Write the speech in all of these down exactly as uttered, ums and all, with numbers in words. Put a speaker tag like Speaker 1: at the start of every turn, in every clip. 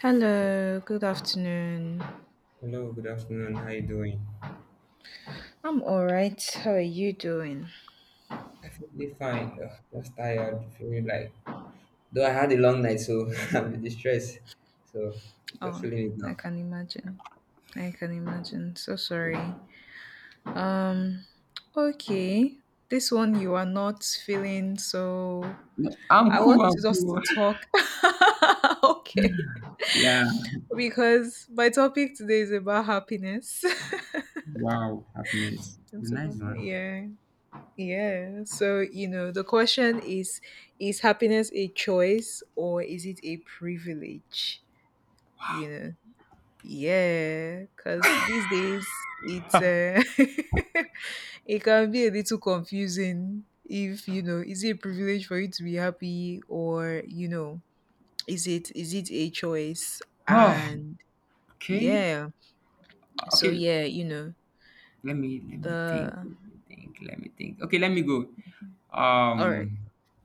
Speaker 1: Hello, good afternoon.
Speaker 2: Hello, good afternoon. How you doing?
Speaker 1: I'm all right. How are you doing?
Speaker 2: I feel pretty fine. Ugh, just tired. Feeling like though I had a long night, so I'm in distress. So I'm just
Speaker 1: Oh,
Speaker 2: feeling it
Speaker 1: I
Speaker 2: now.
Speaker 1: can imagine. I can imagine. So sorry. Um, okay. This one you are not feeling so
Speaker 2: No, I'm
Speaker 1: I
Speaker 2: cool.
Speaker 1: want to
Speaker 2: I'm
Speaker 1: just
Speaker 2: cool.
Speaker 1: talk. okay.
Speaker 2: Yeah.
Speaker 1: Because my topic today is about happiness.
Speaker 2: Wow. Happiness. It's a
Speaker 1: it's about
Speaker 2: nice one.
Speaker 1: yeah. Yeah. So, you know, the question is is happiness a choice or is it a privilege? you know yeah because these days it's uh, it can be a little confusing if you know is it a privilege for you to be happy or you know is it is it a choice
Speaker 2: Oh,
Speaker 1: and
Speaker 2: okay.
Speaker 1: yeah so
Speaker 2: Okay.
Speaker 1: yeah you know
Speaker 2: Let me let me think.
Speaker 1: the
Speaker 2: Let me think. Let me think. Okay. Let me go.
Speaker 1: all right.
Speaker 2: Um,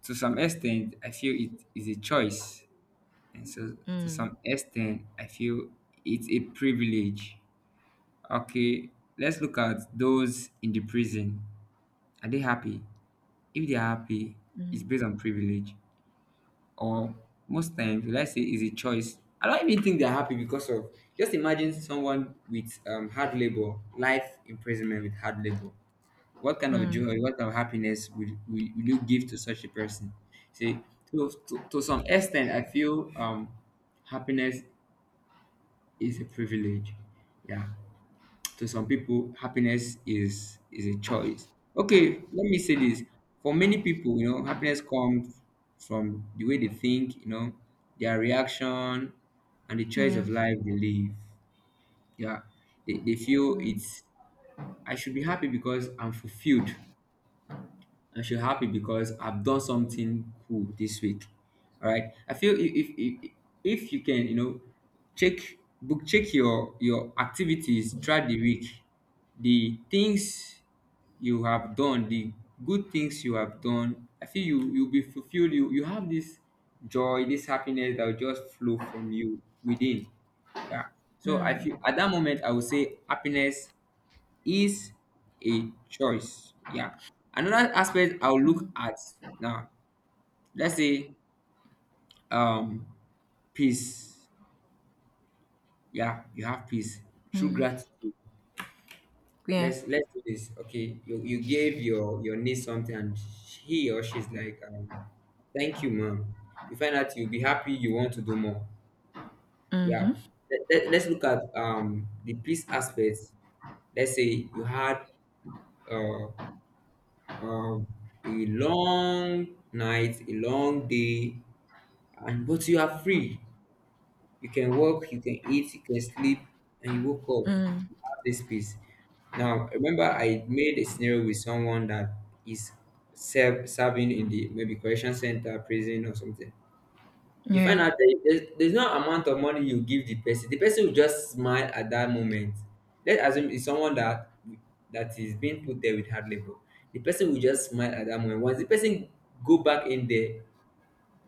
Speaker 2: to some extent, I feel it is a choice, and so to
Speaker 1: mm,
Speaker 2: some extent, I feel it's a privilege. Okay, let's look at those in the prison. Are they happy? If they are happy, it's
Speaker 1: mm,
Speaker 2: based on privilege. Or most times, let's say it's a choice. I don't even think they're happy because of just imagine someone with um, hard labor, life imprisonment with hard labor. What kind of
Speaker 1: mm,
Speaker 2: joy, what kind of happiness will, will, will you give to such a person? See, to, to, to some extent, I feel um, happiness is a privilege. Yeah. To some people, happiness is is a choice. Okay, let me say this. For many people, you know happiness comes from the way they think, you know their reaction and the choice
Speaker 1: yeah.
Speaker 2: of life they live. Yeah, they, they feel
Speaker 1: mm,
Speaker 2: it's I should be happy because I'm fulfilled. I should happy because I've done something cool this week. All right. I feel if if if, if you can, you know, check book check your your activities throughout the week, the things you have done, the good things you have done. I feel you you'll be fulfilled. You you have this joy, this happiness that will just flow from you within. Yeah. So I feel
Speaker 1: mm,
Speaker 2: at that moment I would say happiness is a choice. Yeah. Another aspect I'll look
Speaker 1: mm,
Speaker 2: at now, let's say um peace. Yeah, you have peace through
Speaker 1: mm,
Speaker 2: gratitude.
Speaker 1: yeah.
Speaker 2: Let's let's do this. Okay, you you gave your your niece something and he or she's like, um, thank you, mom. You find out you'll be happy. You want to do more.
Speaker 1: Mm-hmm,
Speaker 2: Yeah. Let, let, us look at um the peace aspects. Let's say you had uh um, a long night, a long day, and but you are free. You can work, you can eat, you can sleep, and you woke up.
Speaker 1: mm,
Speaker 2: You have this peace. Now, remember, I made a scenario with someone that is serve, serving in the maybe correction center, prison, or something. You
Speaker 1: yeah.
Speaker 2: find out that there's, there's no amount of money you give the person, the person will just smile at that moment. Let's assume it's someone that that is being put there with hard labor. The person will just smile at that moment. Once the person go back in there,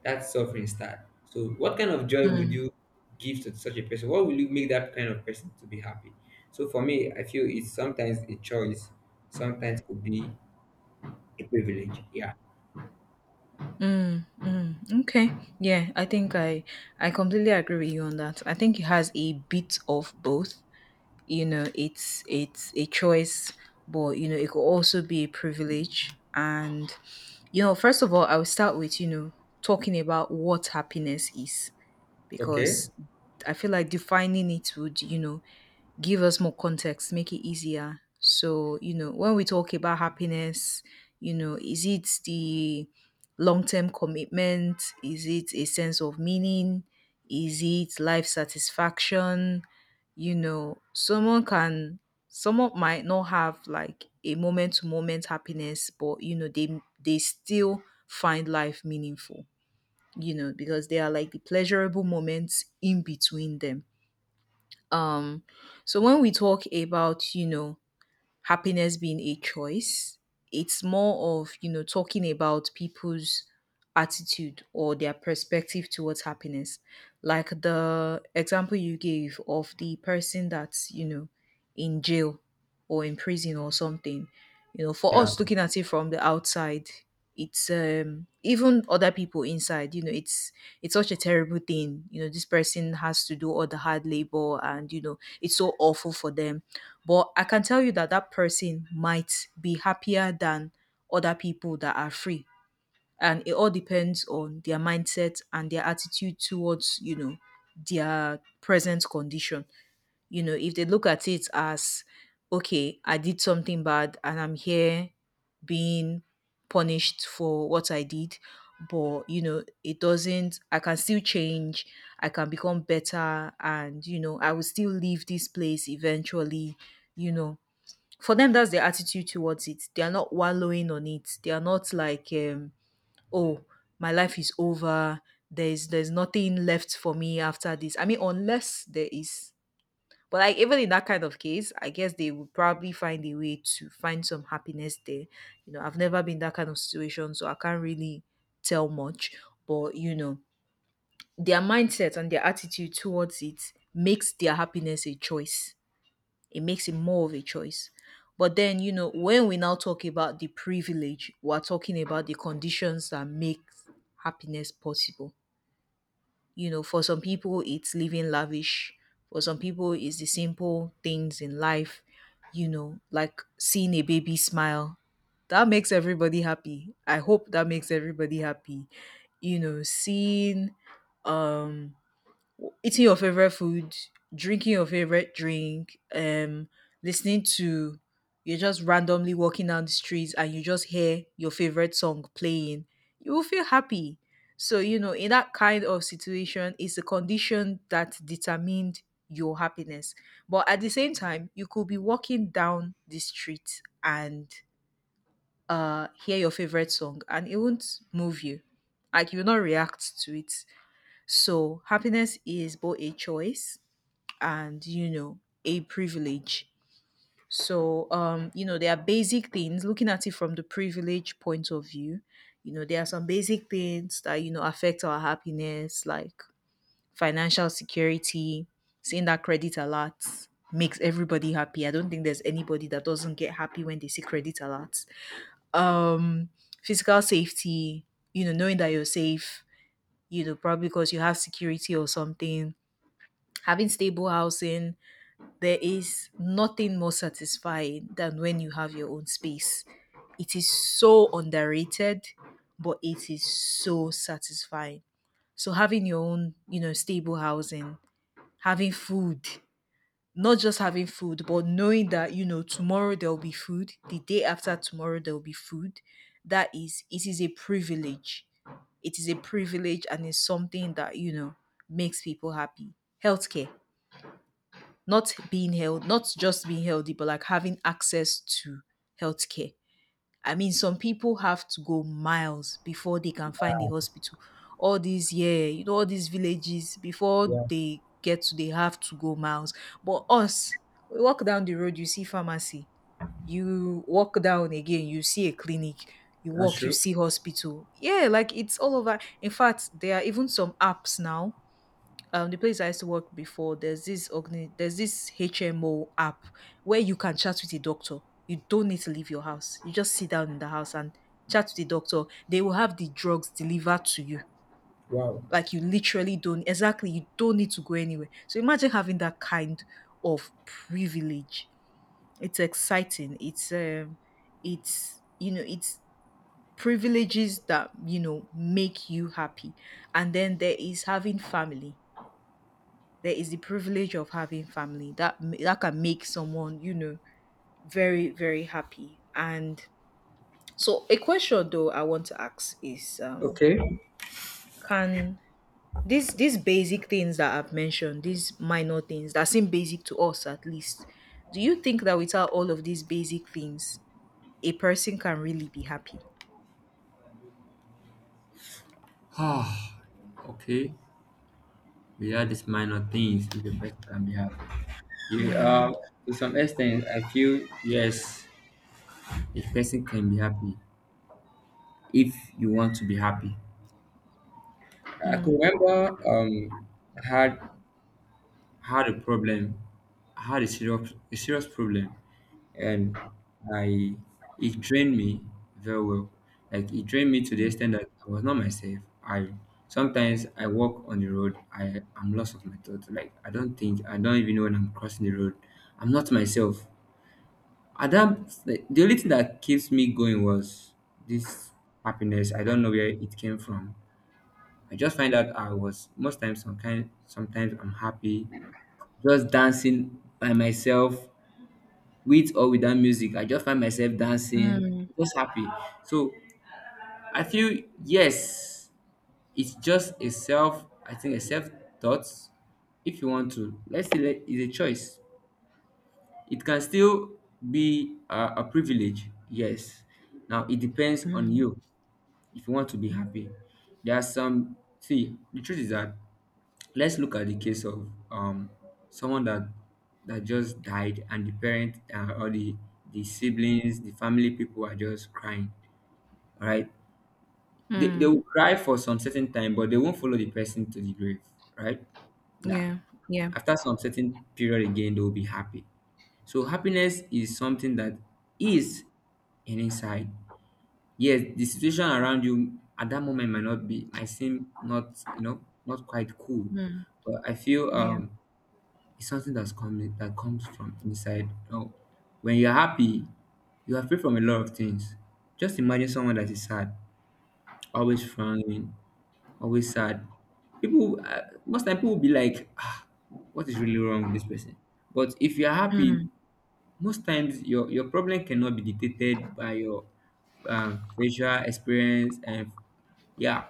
Speaker 2: that suffering start. So what kind of joy would
Speaker 1: Mm.
Speaker 2: you give to such a person? What will you make that kind of person to be happy? So for me, I feel it's sometimes a choice, sometimes could be a privilege. Yeah.
Speaker 1: Mm, mm, okay. Yeah, I think I I completely agree with you on that. I think it has a bit of both. You know, it's it's a choice, but you know, it could also be a privilege. And you know, first of all, I will start with, you know, talking about what happiness is
Speaker 2: Okay.
Speaker 1: because I feel like defining it would, you know, give us more context, make it easier. So, you know, when we talk about happiness, you know, is it the long term commitment? Is it a sense of meaning? Is it life satisfaction? You know, someone can, someone might not have like a moment to moment happiness, but, you know, they, they still find life meaningful, you know, because they are like the pleasurable moments in between them. Um, so when we talk about, you know, happiness being a choice. It's more of, you know, talking about people's attitude or their perspective towards happiness. Like the example you gave of the person that's, you know, in jail or in prison or something. You know, for
Speaker 2: Yeah,
Speaker 1: us looking at it from the outside, it's um even other people inside, you know, it's it's such a terrible thing. You know, this person has to do all the hard labor and you know, it's so awful for them, but I can tell you that that person might be happier than other people that are free. And it all depends on their mindset and their attitude towards, you know, their present condition. You know, if they look at it as, okay, I did something bad and I'm here being punished for what I did, but, you know, it doesn't, I can still change, I can become better, and, you know, I will still leave this place eventually, you know, for them that's their attitude towards it. They are not wallowing on it. They are not like um oh my life is over, there's there's nothing left for me after this. I mean unless there is, but like even in that kind of case I guess they would probably find a way to find some happiness there. You know, I've never been in that kind of situation, so I can't really tell much. But you know, their mindset and their attitude towards it makes their happiness a choice. It makes it more of a choice. But then, you know, when we now talk about the privilege, we're talking about the conditions that make happiness possible. You know, for some people, it's living lavish. For some people, it's the simple things in life, you know, like seeing a baby smile. That makes everybody happy. I hope that makes everybody happy. You know, seeing um eating your favorite food, drinking your favorite drink, um, listening to, you're just randomly walking down the streets and you just hear your favorite song playing, you will feel happy. So, you know, in that kind of situation, it's a condition that determined your happiness. But at the same time, you could be walking down the street and uh hear your favorite song and it won't move you. Like you will not react to it. So happiness is both a choice and you know a privilege. So um, you know, there are basic things looking at it from the privilege point of view. You know, there are some basic things that you know affect our happiness, like financial security, seeing that credit alert makes everybody happy. I don't think there's anybody that doesn't get happy when they see credit alerts. Um, physical safety, you know, knowing that you're safe, you know, probably because you have security or something, having stable housing, there is nothing more satisfying than when you have your own space. It is so underrated, but it is so satisfying. So having your own, you know, stable housing, having food, not just having food, but knowing that, you know, tomorrow there'll be food, the day after tomorrow there'll be food, that is, it is a privilege. It is a privilege and it's something that, you know, makes people happy. Healthcare, not being held, not just being healthy, but like having access to healthcare. I mean, some people have to go miles before they can find a hospital. All these, yeah, you know, all these villages before
Speaker 2: yeah,
Speaker 1: they get to, they have to go miles. But us, we walk down the road, you see pharmacy. You walk down again, you see a clinic. You
Speaker 2: that's
Speaker 1: walk, you
Speaker 2: true.
Speaker 1: see hospital. Yeah, like it's all over. In fact, there are even some apps now, um the place I used to work before, there's this organi- there's this H M O app where you can chat with the doctor. You don't need to leave your house. You just sit down in the house and chat with the doctor. They will have the drugs delivered to you.
Speaker 2: Wow.
Speaker 1: Like you literally don't, exactly, you don't need to go anywhere. So imagine having that kind of privilege. It's exciting. It's um it's you know it's privileges that you know make you happy. And then there is having family. There is the privilege of having family that that can make someone, you know, very very happy. And so a question though I want to ask is, um
Speaker 2: Okay.
Speaker 1: can these these basic things that I've mentioned, these minor things that seem basic to us at least, do you think that without all of these basic things a person can really be happy?
Speaker 2: Ah, okay. Without these minor things, if a person can be happy. You,
Speaker 1: yeah.
Speaker 2: uh, to some extent, I feel yes, a person can be happy if you want to be happy. I could remember, um, I had had a problem, had a serious a serious problem, and I it drained me very well. Like it drained me to the extent that I was not myself. I Sometimes I walk on the road, I am lost of my thoughts. Like I don't think, I don't even know when I'm crossing the road. I'm not myself. At that, like, the only thing that keeps me going was this happiness. I don't know where it came from. I just find out I was most times some kind. Sometimes I'm happy, just dancing by myself with or without music. I just find myself dancing,
Speaker 1: mm,
Speaker 2: just happy. So I feel yes, it's just a self, I think a self thought. If you want to, let's say that it's a choice. It can still be a, a privilege, yes. Now it depends on
Speaker 1: mm,
Speaker 2: you if you want to be happy. There are some, see, the truth is that let's look at the case of um someone that that just died, and the parent, uh, or the the siblings, the family people are just crying. All right. They, they
Speaker 1: mm.
Speaker 2: will cry for some certain time, but they won't follow the person to the grave, right? Yeah.
Speaker 1: yeah. yeah.
Speaker 2: After some certain period again, they will be happy. So happiness is something that is an inside. Yes, the situation around you at that moment might not be, might seem not you know not quite cool,
Speaker 1: mm,
Speaker 2: but I feel
Speaker 1: yeah.
Speaker 2: um it's something that's coming that comes from inside. Oh, when you're happy, you are free from a lot of things. Just imagine someone that is sad, always frowning, always sad. People, uh, most time people will be like, ah, what is really wrong with this person? But if you're happy,
Speaker 1: mm.
Speaker 2: most times your your problem cannot be dictated by your uh facial experience, and yeah,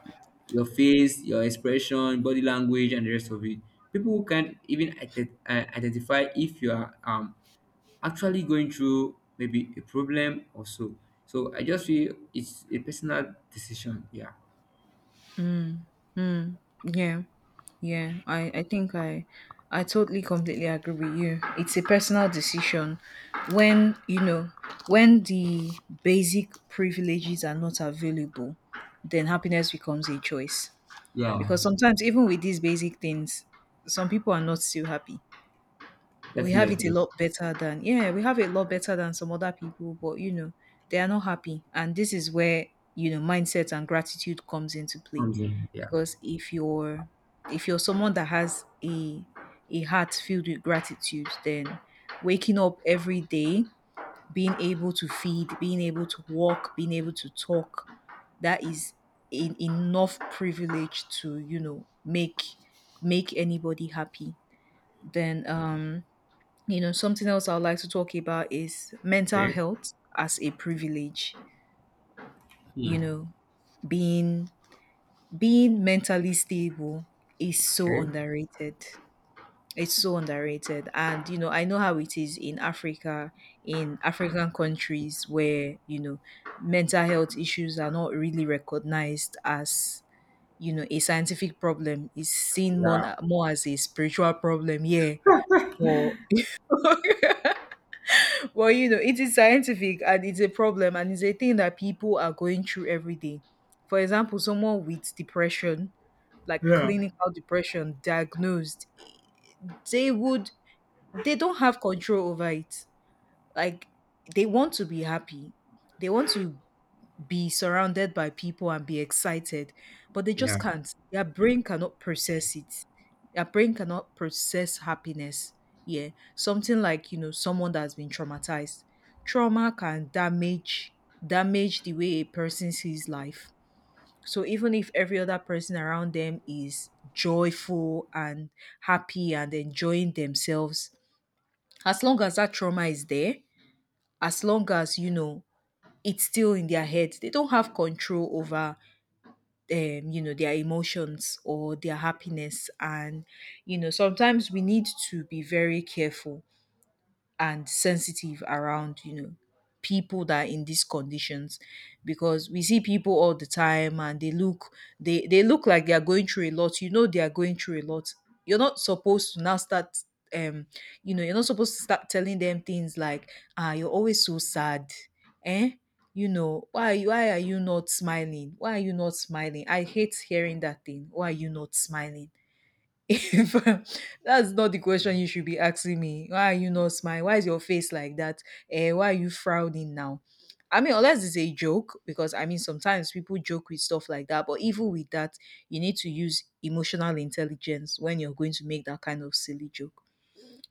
Speaker 2: your face, your expression, body language, and the rest of it. People who can't even ide- uh, identify if you are um, actually going through maybe a problem or so. So I just feel it's a personal decision. Yeah.
Speaker 1: Yeah. Yeah. I, I think I I totally completely agree with you. It's a personal decision. When, you know, when the basic privileges are not available, then happiness becomes a choice.
Speaker 2: Yeah.
Speaker 1: Because sometimes even with these basic things, some people are not still happy. We have it a
Speaker 2: Definitely.
Speaker 1: lot better than, yeah, we have it a lot better than some other people, but you know, they are not happy and this is where you know mindset and gratitude comes into play,
Speaker 2: Comes in, yeah.
Speaker 1: because if you're, if you're someone that has a a heart filled with gratitude, then waking up every day, being able to feed, being able to walk, being able to talk, that is en- enough privilege to, you know, make make anybody happy. Then um you know something else I'd like to talk about is mental
Speaker 2: Okay.
Speaker 1: health as a privilege.
Speaker 2: Hmm.
Speaker 1: You know, being being mentally stable is so
Speaker 2: Okay.
Speaker 1: underrated. It's so underrated, and you know I know how it is in Africa, in African countries where you know mental health issues are not really recognized as, you know, a scientific problem. It's seen more,
Speaker 2: Yeah.
Speaker 1: more as a spiritual problem, yeah, or well, you know, it is scientific and it's a problem and it's a thing that people are going through every day. For example, someone with depression, like
Speaker 2: Yeah.
Speaker 1: clinical depression diagnosed, they would they don't have control over it. Like they want to be happy. They want to be surrounded by people and be excited, but they
Speaker 2: Yeah.
Speaker 1: just can't. Their brain cannot process it. Their brain cannot process happiness. Yeah. Something like, you know, someone that's been traumatized. Trauma can damage damage the way a person sees life. So even if every other person around them is joyful and happy and enjoying themselves, as long as that trauma is there, as long as you know it's still in their head, they don't have control over um, you know their emotions or their happiness. And you know sometimes we need to be very careful and sensitive around you know people that are in these conditions, because we see people all the time and they look they they look like they are going through a lot. You know they are going through a lot. You're not supposed to now start um you know you're not supposed to start telling them things like, ah, you're always so sad, eh, you know why are you- why are you not smiling, why are you not smiling? I hate hearing that thing, why are you not smiling? If that's not the question you should be asking me, why are you not smiling, why is your face like that, eh, why are you frowning now? I mean, unless it's a joke, because I mean sometimes people joke with stuff like that, but even with that, you need to use emotional intelligence when you're going to make that kind of silly joke.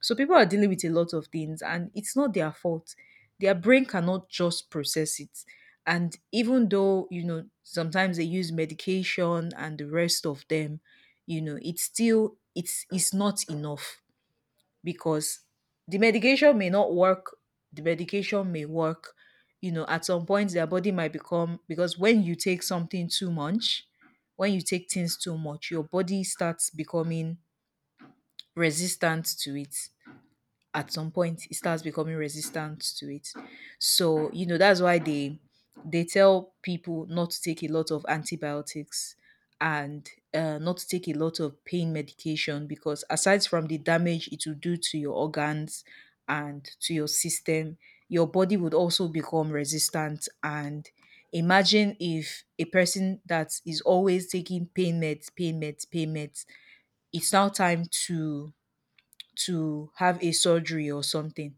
Speaker 1: So people are dealing with a lot of things and it's not their fault. Their brain cannot just process it. And even though, you know, sometimes they use medication and the rest of them, you know, it's still it's it's not enough, because the medication may not work, the medication may work, you know, at some point their body might become, because when you take something too much, when you take things too much, your body starts becoming resistant to it. At some point it starts becoming resistant to it. So, you know, that's why they they tell people not to take a lot of antibiotics and uh, not to take a lot of pain medication, because aside from the damage it will do to your organs and to your system, your body would also become resistant. And imagine if a person that is always taking pain meds, pain meds, pain meds, it's now time to to have a surgery or something,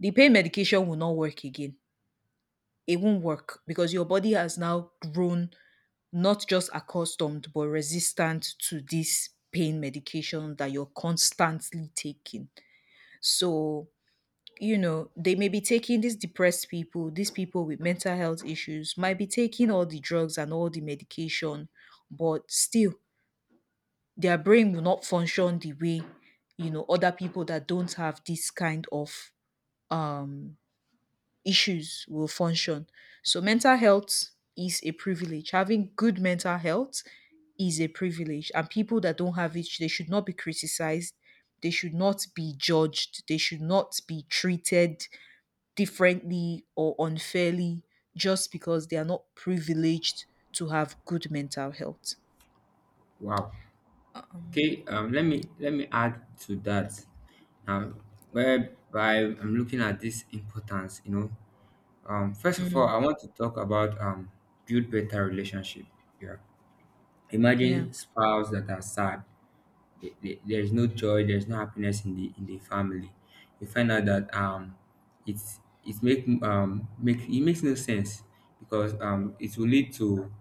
Speaker 1: the pain medication will not work again. It won't work because your body has now grown not just accustomed but resistant to this pain medication that you're constantly taking. So, you know, they may be taking, these depressed people, these people with mental health issues might be taking all the drugs and all the medication, but still their brain will not function the way you know, other people that don't have this kind of um issues will function. So mental health is a privilege. Having good mental health is a privilege. And people that don't have it, they should not be criticized. They should not be judged. They should not be treated differently or unfairly just because they are not privileged to have good mental health.
Speaker 2: Wow. Okay, um, let me let me add to that now, whereby I'm looking at this importance, you know. Um, first of all,
Speaker 1: Mm,
Speaker 2: I want to talk about um build better relationship. Yeah.
Speaker 1: yeah.
Speaker 2: Imagine spouse that are sad, the- the- there's no joy, there's no happiness in the in the family. You find out that um it's, it make um make it makes no sense, because um it will lead to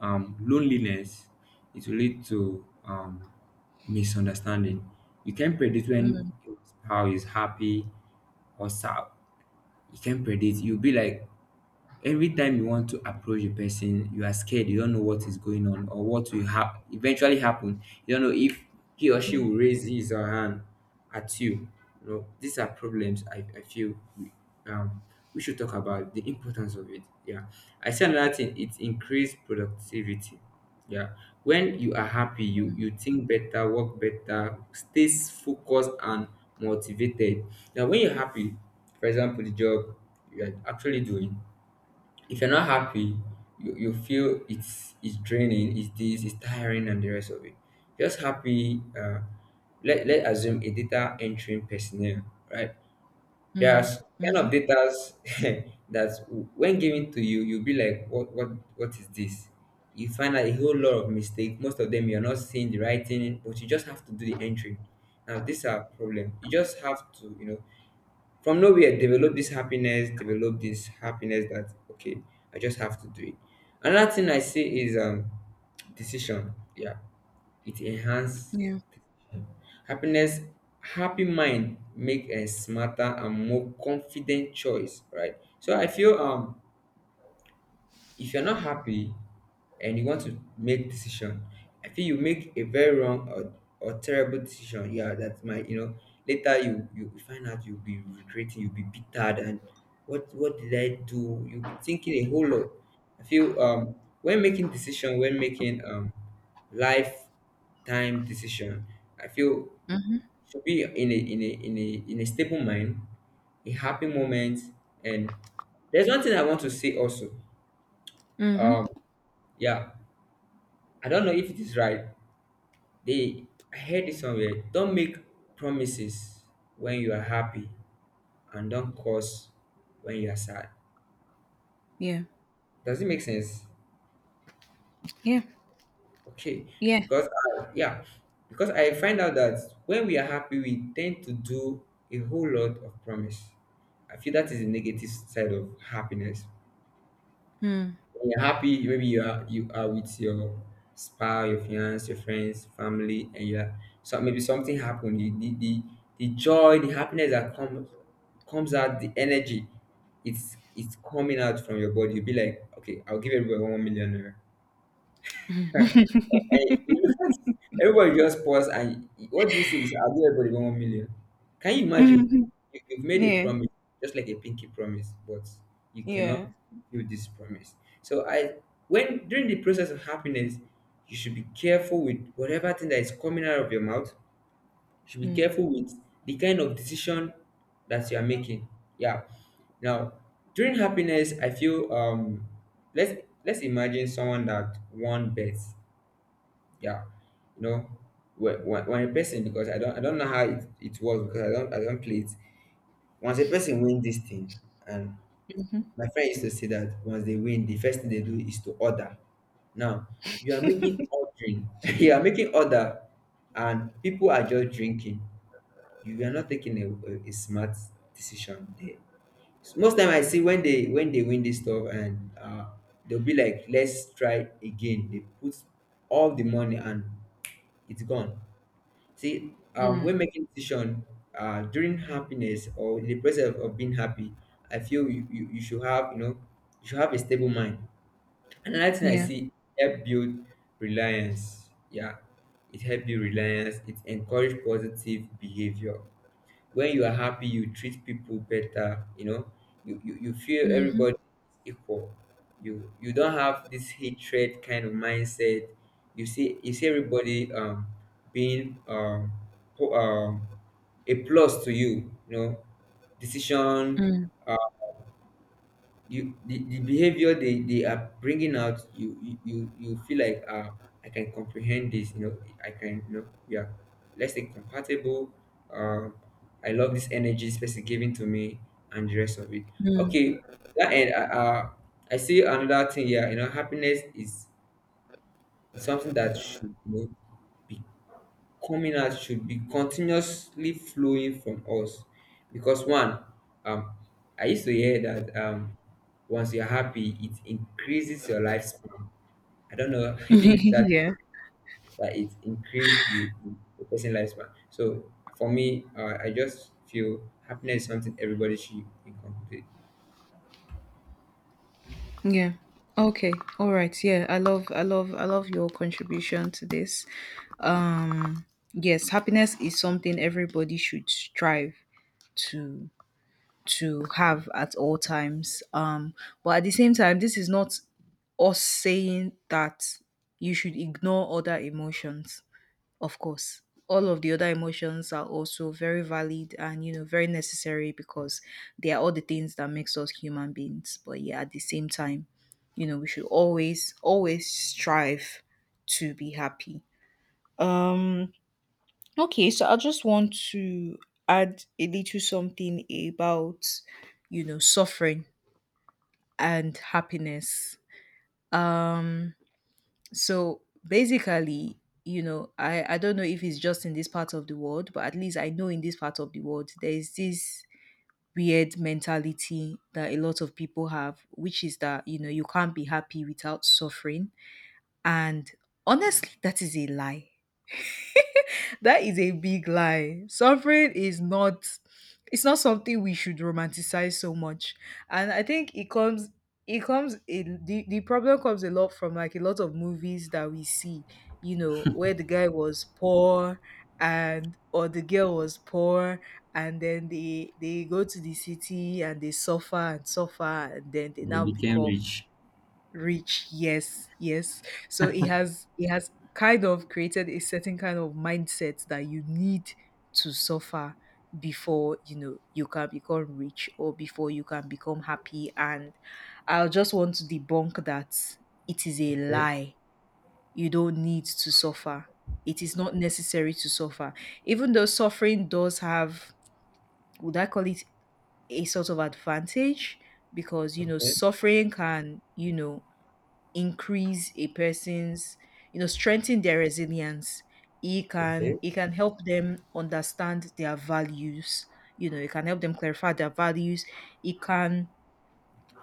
Speaker 2: um loneliness, it will lead to um misunderstanding. You can predict when
Speaker 1: Mm,
Speaker 2: your spouse is happy or sad. You can predict. You'll be like, every time you want to approach a person, you are scared. You don't know what is going on or what will hap- eventually happen. You don't know if he or she
Speaker 1: mm,
Speaker 2: will raise his or her hand at you. You know, these are problems I, I feel we, um, we should talk about the importance of it. Yeah. I say another thing, it increased productivity. Yeah. When you are happy, you, you think better, work better, stays focused and motivated. Now, when you're happy, for example, the job you are actually doing, if you're not happy, you, you feel it's it's draining, it's this, it's tiring, and the rest of it. Just happy. Uh, let let assume a data entering personnel, right?
Speaker 1: mm,
Speaker 2: There's kind of
Speaker 1: mhm.
Speaker 2: data that, when given to you, you'll be like, what what what is this? You find out a whole lot of mistake. Most of them you're not seeing the writing, but you just have to do the entry. Now these are problem. You just have to, you know, from nowhere develop this happiness develop this happiness that okay, I just have to do it. Another thing I say is um decision. Yeah, it enhance
Speaker 1: Yeah.
Speaker 2: happiness. Happy mind make a smarter and more confident choice, right? So I feel um if you're not happy and you want to make decision, I feel you make a very wrong or, or terrible decision. Yeah, that might, you know later, you you find out you'll be regretting, you'll be bitter, and what what did I do? You'll be thinking a whole lot. I feel um when making decision, when making um lifetime decision, I feel should be in a in a in a in a stable mind, a happy moment, and there's one thing I want to say also.
Speaker 1: Hmm.
Speaker 2: Um, yeah, I don't know if it is right. They I heard it somewhere. Don't make promises when you are happy, and don't curse when you are sad.
Speaker 1: Yeah.
Speaker 2: Does it make sense?
Speaker 1: Yeah.
Speaker 2: Okay,
Speaker 1: Yeah.
Speaker 2: because I, yeah, because I find out that when we are happy, we tend to do a whole lot of promise. I feel that is the negative side of happiness.
Speaker 1: Mm.
Speaker 2: When you're happy, maybe you are you are with your spouse, your fiance, your friends, family, and you are so maybe something happened. The, the, the, the joy, the happiness that comes comes out, the energy, it's it's coming out from your body. You'll be like, okay, I'll give everyone one million naira. And you look at everybody just pause, and what do you say is I'll give everybody one one million. Can you imagine?
Speaker 1: Mm-hmm.
Speaker 2: You, you've made a
Speaker 1: Yeah.
Speaker 2: promise, just like a pinky promise, but you
Speaker 1: Yeah.
Speaker 2: cannot do this promise. So I when during the process of happiness, you should be careful with whatever thing that is coming out of your mouth. You should be
Speaker 1: Mm.
Speaker 2: careful with the kind of decision that you are making. Yeah. Now, during happiness, I feel um let's let's imagine someone that won bets, yeah, you know, when, when when a person, because i don't i don't know how it, it was, because i don't i don't play it. Once a person win this thing, and
Speaker 1: Mhm.
Speaker 2: my friend used to say that once they win the first thing they do is to order. Now, you are making ordering, you are making order, and people are just drinking. You are not taking a, a, a smart decision there. So most time I see when they when they win this stuff, and uh they'll be like let's try again, they put all the money and it's gone. See, um,
Speaker 1: Mm.
Speaker 2: when making decision, uh, during happiness or in the process of being happy, I feel you, you, you should have, you know, you should have a stable mind. Another thing I
Speaker 1: Yeah.
Speaker 2: see, help build reliance. Yeah, it help build reliance. It encourage positive behavior. When you are happy you treat people better, you know, you you, you feel
Speaker 1: Mhm.
Speaker 2: everybody is equal. You you don't have this hatred kind of mindset. You see you see everybody um being um, po- um a plus to you, you know. Decision,
Speaker 1: Mm.
Speaker 2: you, the, the behavior they, they are bringing out, you you you you feel like, uh, I can comprehend this, you know, I can, you know, we are, let's say, compatible. um I love this energy this person giving to me and the rest of it. Okay, that end. uh, uh, I see another thing here, you know. Happiness is, is something that should, you know, be coming out, should be continuously flowing from us. Because one, um I used to hear that um once you're happy it increases your lifespan. I don't know if that,
Speaker 1: Yeah.
Speaker 2: that it increases the, the person lifespan. So for me, uh, I just feel happiness is something everybody should be complete.
Speaker 1: Yeah. Okay. All right. Yeah. I love I love I love your contribution to this. Um yes, happiness is something everybody should strive to to have at all times. Um but at the same time, this is not us saying that you should ignore other emotions. Of course, all of the other emotions are also very valid and you know very necessary, because they are all the things that makes us human beings. But yeah, at the same time, you know, we should always always strive to be happy. Um okay, so I just want to add a little something about you know suffering and happiness. Um so basically, you know i i don't know if it's just in this part of the world, but at least I know in this part of the world there is this weird mentality that a lot of people have, which is that you know you can't be happy without suffering. And honestly, that is a lie, that is a big lie. Suffering is not, it's not something we should romanticize so much. And I think it comes, it comes in the, the problem comes a lot from like a lot of movies that we see, you know, where the guy was poor and or the girl was poor and then they they go to the city and they suffer and suffer and then they
Speaker 2: They
Speaker 1: now
Speaker 2: became
Speaker 1: become
Speaker 2: rich.
Speaker 1: rich. Yes, yes. So it has, it has kind of created a certain kind of mindset that you need to suffer before you know you can become rich or before you can become happy. And I just want to debunk that. It is a
Speaker 2: Okay.
Speaker 1: lie. You don't need to suffer. It is not necessary to suffer. Even though suffering does have, would I call it a sort of advantage, because you know
Speaker 2: Okay.
Speaker 1: suffering can you know increase a person's, you know strengthen their resilience. It can,
Speaker 2: Okay.
Speaker 1: it can help them understand their values, you know it can help them clarify their values. It can,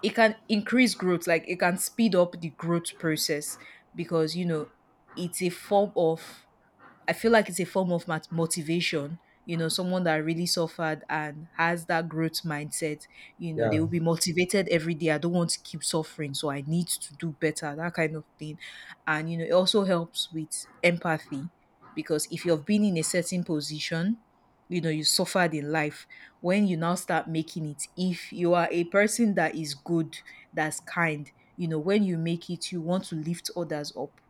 Speaker 1: it can increase growth, like it can speed up the growth process, because you know it's a form of, I feel like it's a form of mat- motivation. You know, someone that really suffered and has that growth mindset, you know, they
Speaker 2: Yeah.
Speaker 1: will be motivated every day. I don't want to keep suffering, so I need to do better, that kind of thing. And, you know, it also helps with empathy, because if you've been in a certain position, you know, you suffered in life, when you now start making it, if you are a person that is good, that's kind, you know, when you make it, you want to lift others up,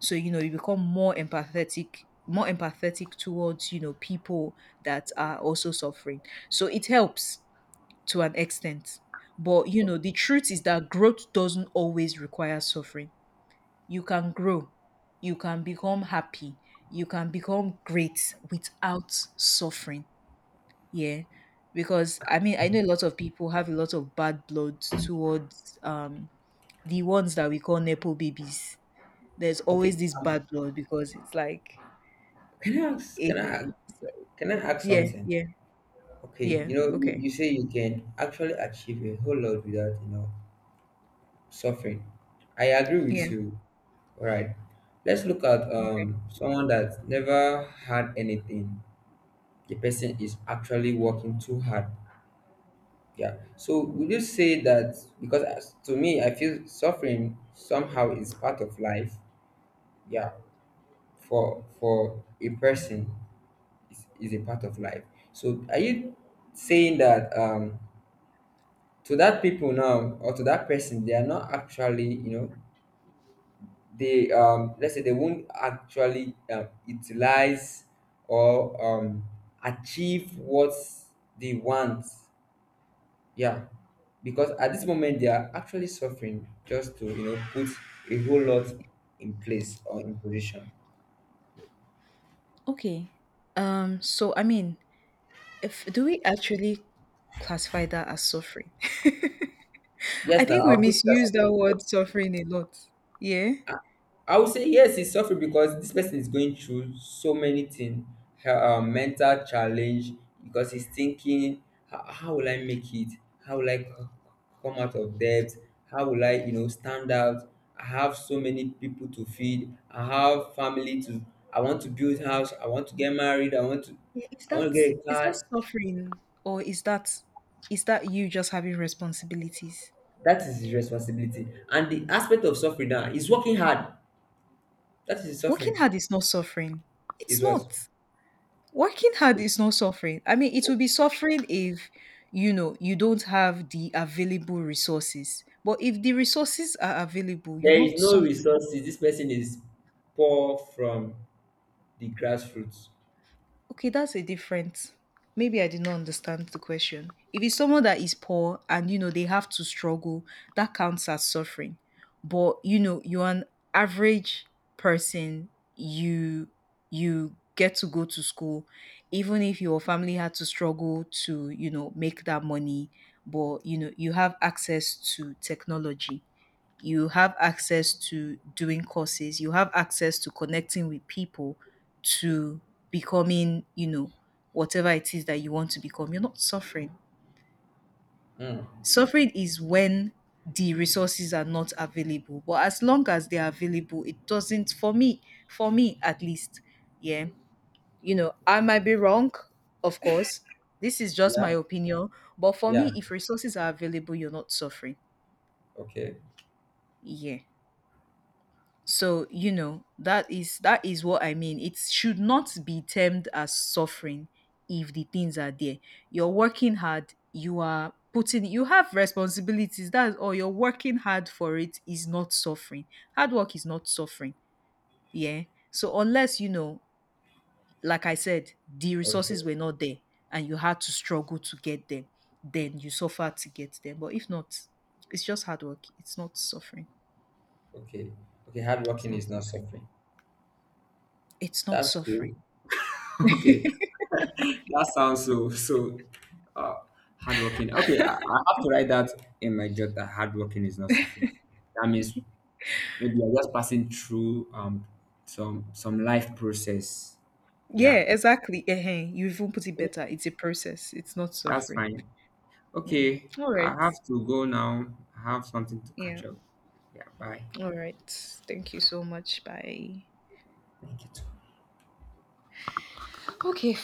Speaker 1: so you know you become more empathetic, more empathetic towards you know people that are also suffering. So it helps to an extent. But you know the truth is that growth doesn't always require suffering. You can grow, you can become happy, you can become great without suffering. Yeah. Because I mean, I know a lot of people have a lot of bad blood towards um the ones that we call nepo babies. There's always
Speaker 2: Okay.
Speaker 1: this
Speaker 2: Um
Speaker 1: bad blood because it's like,
Speaker 2: can I ask, can
Speaker 1: it's
Speaker 2: I,
Speaker 1: so,
Speaker 2: can I ask
Speaker 1: yeah,
Speaker 2: something?
Speaker 1: yeah,
Speaker 2: Okay,
Speaker 1: yeah,
Speaker 2: you know, you
Speaker 1: okay.
Speaker 2: you say you can actually achieve a whole lot without, you know, suffering. I agree with
Speaker 1: Yeah,
Speaker 2: you. All right, let's look at
Speaker 1: okay.
Speaker 2: um someone that never had anything. The person is actually working too hard. Yeah. So would you say that, because as, to me, I feel suffering somehow is part of life. Yeah. For for a person, is is a part of life. So are you saying that, um to that people now or to that person, they are not actually, you know, they, um let's say they won't actually, um, utilize or um achieve what they want. Yeah. Because at this moment they are actually suffering just to, you know, put a whole lot in place or in position.
Speaker 1: Okay. Um, so I mean, if, do we actually classify that as suffering? I
Speaker 2: Yes, now
Speaker 1: think we
Speaker 2: I'll put that.
Speaker 1: misuse that word suffering a lot. Yeah?
Speaker 2: I would say yes, he's suffering because this person is going through so many things, her, um, mental challenge, because he's thinking, how, how will I make it? How will I c- come out of debt? How will I, you know, stand out? I have so many people to feed. I have family to. I want to build house. I want to get married. I want to.
Speaker 1: Yeah, is
Speaker 2: I want to
Speaker 1: that,
Speaker 2: get a
Speaker 1: is that
Speaker 2: car.
Speaker 1: suffering, or is that, is that you just having responsibilities?
Speaker 2: That is his responsibility. And the aspect of suffering now is working hard. That is his
Speaker 1: Working
Speaker 2: suffering.
Speaker 1: hard is not suffering. It's
Speaker 2: Is what.
Speaker 1: not. Working hard is not suffering. I mean, it will be suffering if you know you don't have the available resources. But if the resources are available, you're
Speaker 2: There is
Speaker 1: not
Speaker 2: no
Speaker 1: suffering.
Speaker 2: resources. This person is poor from the grassroots.
Speaker 1: Okay, that's a different. Maybe I did not understand the question. If it's someone that is poor and you know they have to struggle, that counts as suffering. But you know, you're an average person, you you get to go to school, even if your family had to struggle to, you know, make that money, but you know, you have access to technology, you have access to doing courses, you have access to connecting with people, to becoming, you know, whatever it is that you want to become. You're not suffering.
Speaker 2: Mm.
Speaker 1: Suffering is when the resources are not available. But as long as they are available, it doesn't, for me, for me at least, yeah. You know, I might be wrong, of course. This is just my
Speaker 2: Yeah,
Speaker 1: opinion. But for
Speaker 2: yeah.
Speaker 1: me, if resources are available, you're not suffering.
Speaker 2: Okay,
Speaker 1: Yeah. So, you know, that is, that is what I mean. It should not be termed as suffering if the things are there. You're working hard, you are putting, you have responsibilities. That's all, you're working hard for it, is not suffering. Hard work is not suffering. Yeah. So unless, you know, like I said, the
Speaker 2: okay,
Speaker 1: resources were not there and you had to struggle to get them, then you suffer to get them. But if not, it's just hard work. It's not suffering.
Speaker 2: okay, okay.
Speaker 1: It's
Speaker 2: Hardworking
Speaker 1: not
Speaker 2: is not
Speaker 1: suffering.
Speaker 2: suffering.
Speaker 1: It's not
Speaker 2: That's
Speaker 1: suffering.
Speaker 2: cool. Okay, that sounds so so, uh, hardworking. Okay, I, I have to write that in my job that hardworking is not suffering. That means maybe I'm just passing through um some some life process.
Speaker 1: Yeah,
Speaker 2: Yeah,
Speaker 1: exactly. Ehen, you even put it better. It's a process. It's not
Speaker 2: that's
Speaker 1: suffering.
Speaker 2: fine.
Speaker 1: Yeah.
Speaker 2: Okay,
Speaker 1: All
Speaker 2: I
Speaker 1: right.
Speaker 2: have to go now. I have something to
Speaker 1: Yeah.
Speaker 2: catch up. Yeah, bye.
Speaker 1: All right. Thank you so much. Bye.
Speaker 2: Thank you too.
Speaker 1: Okay,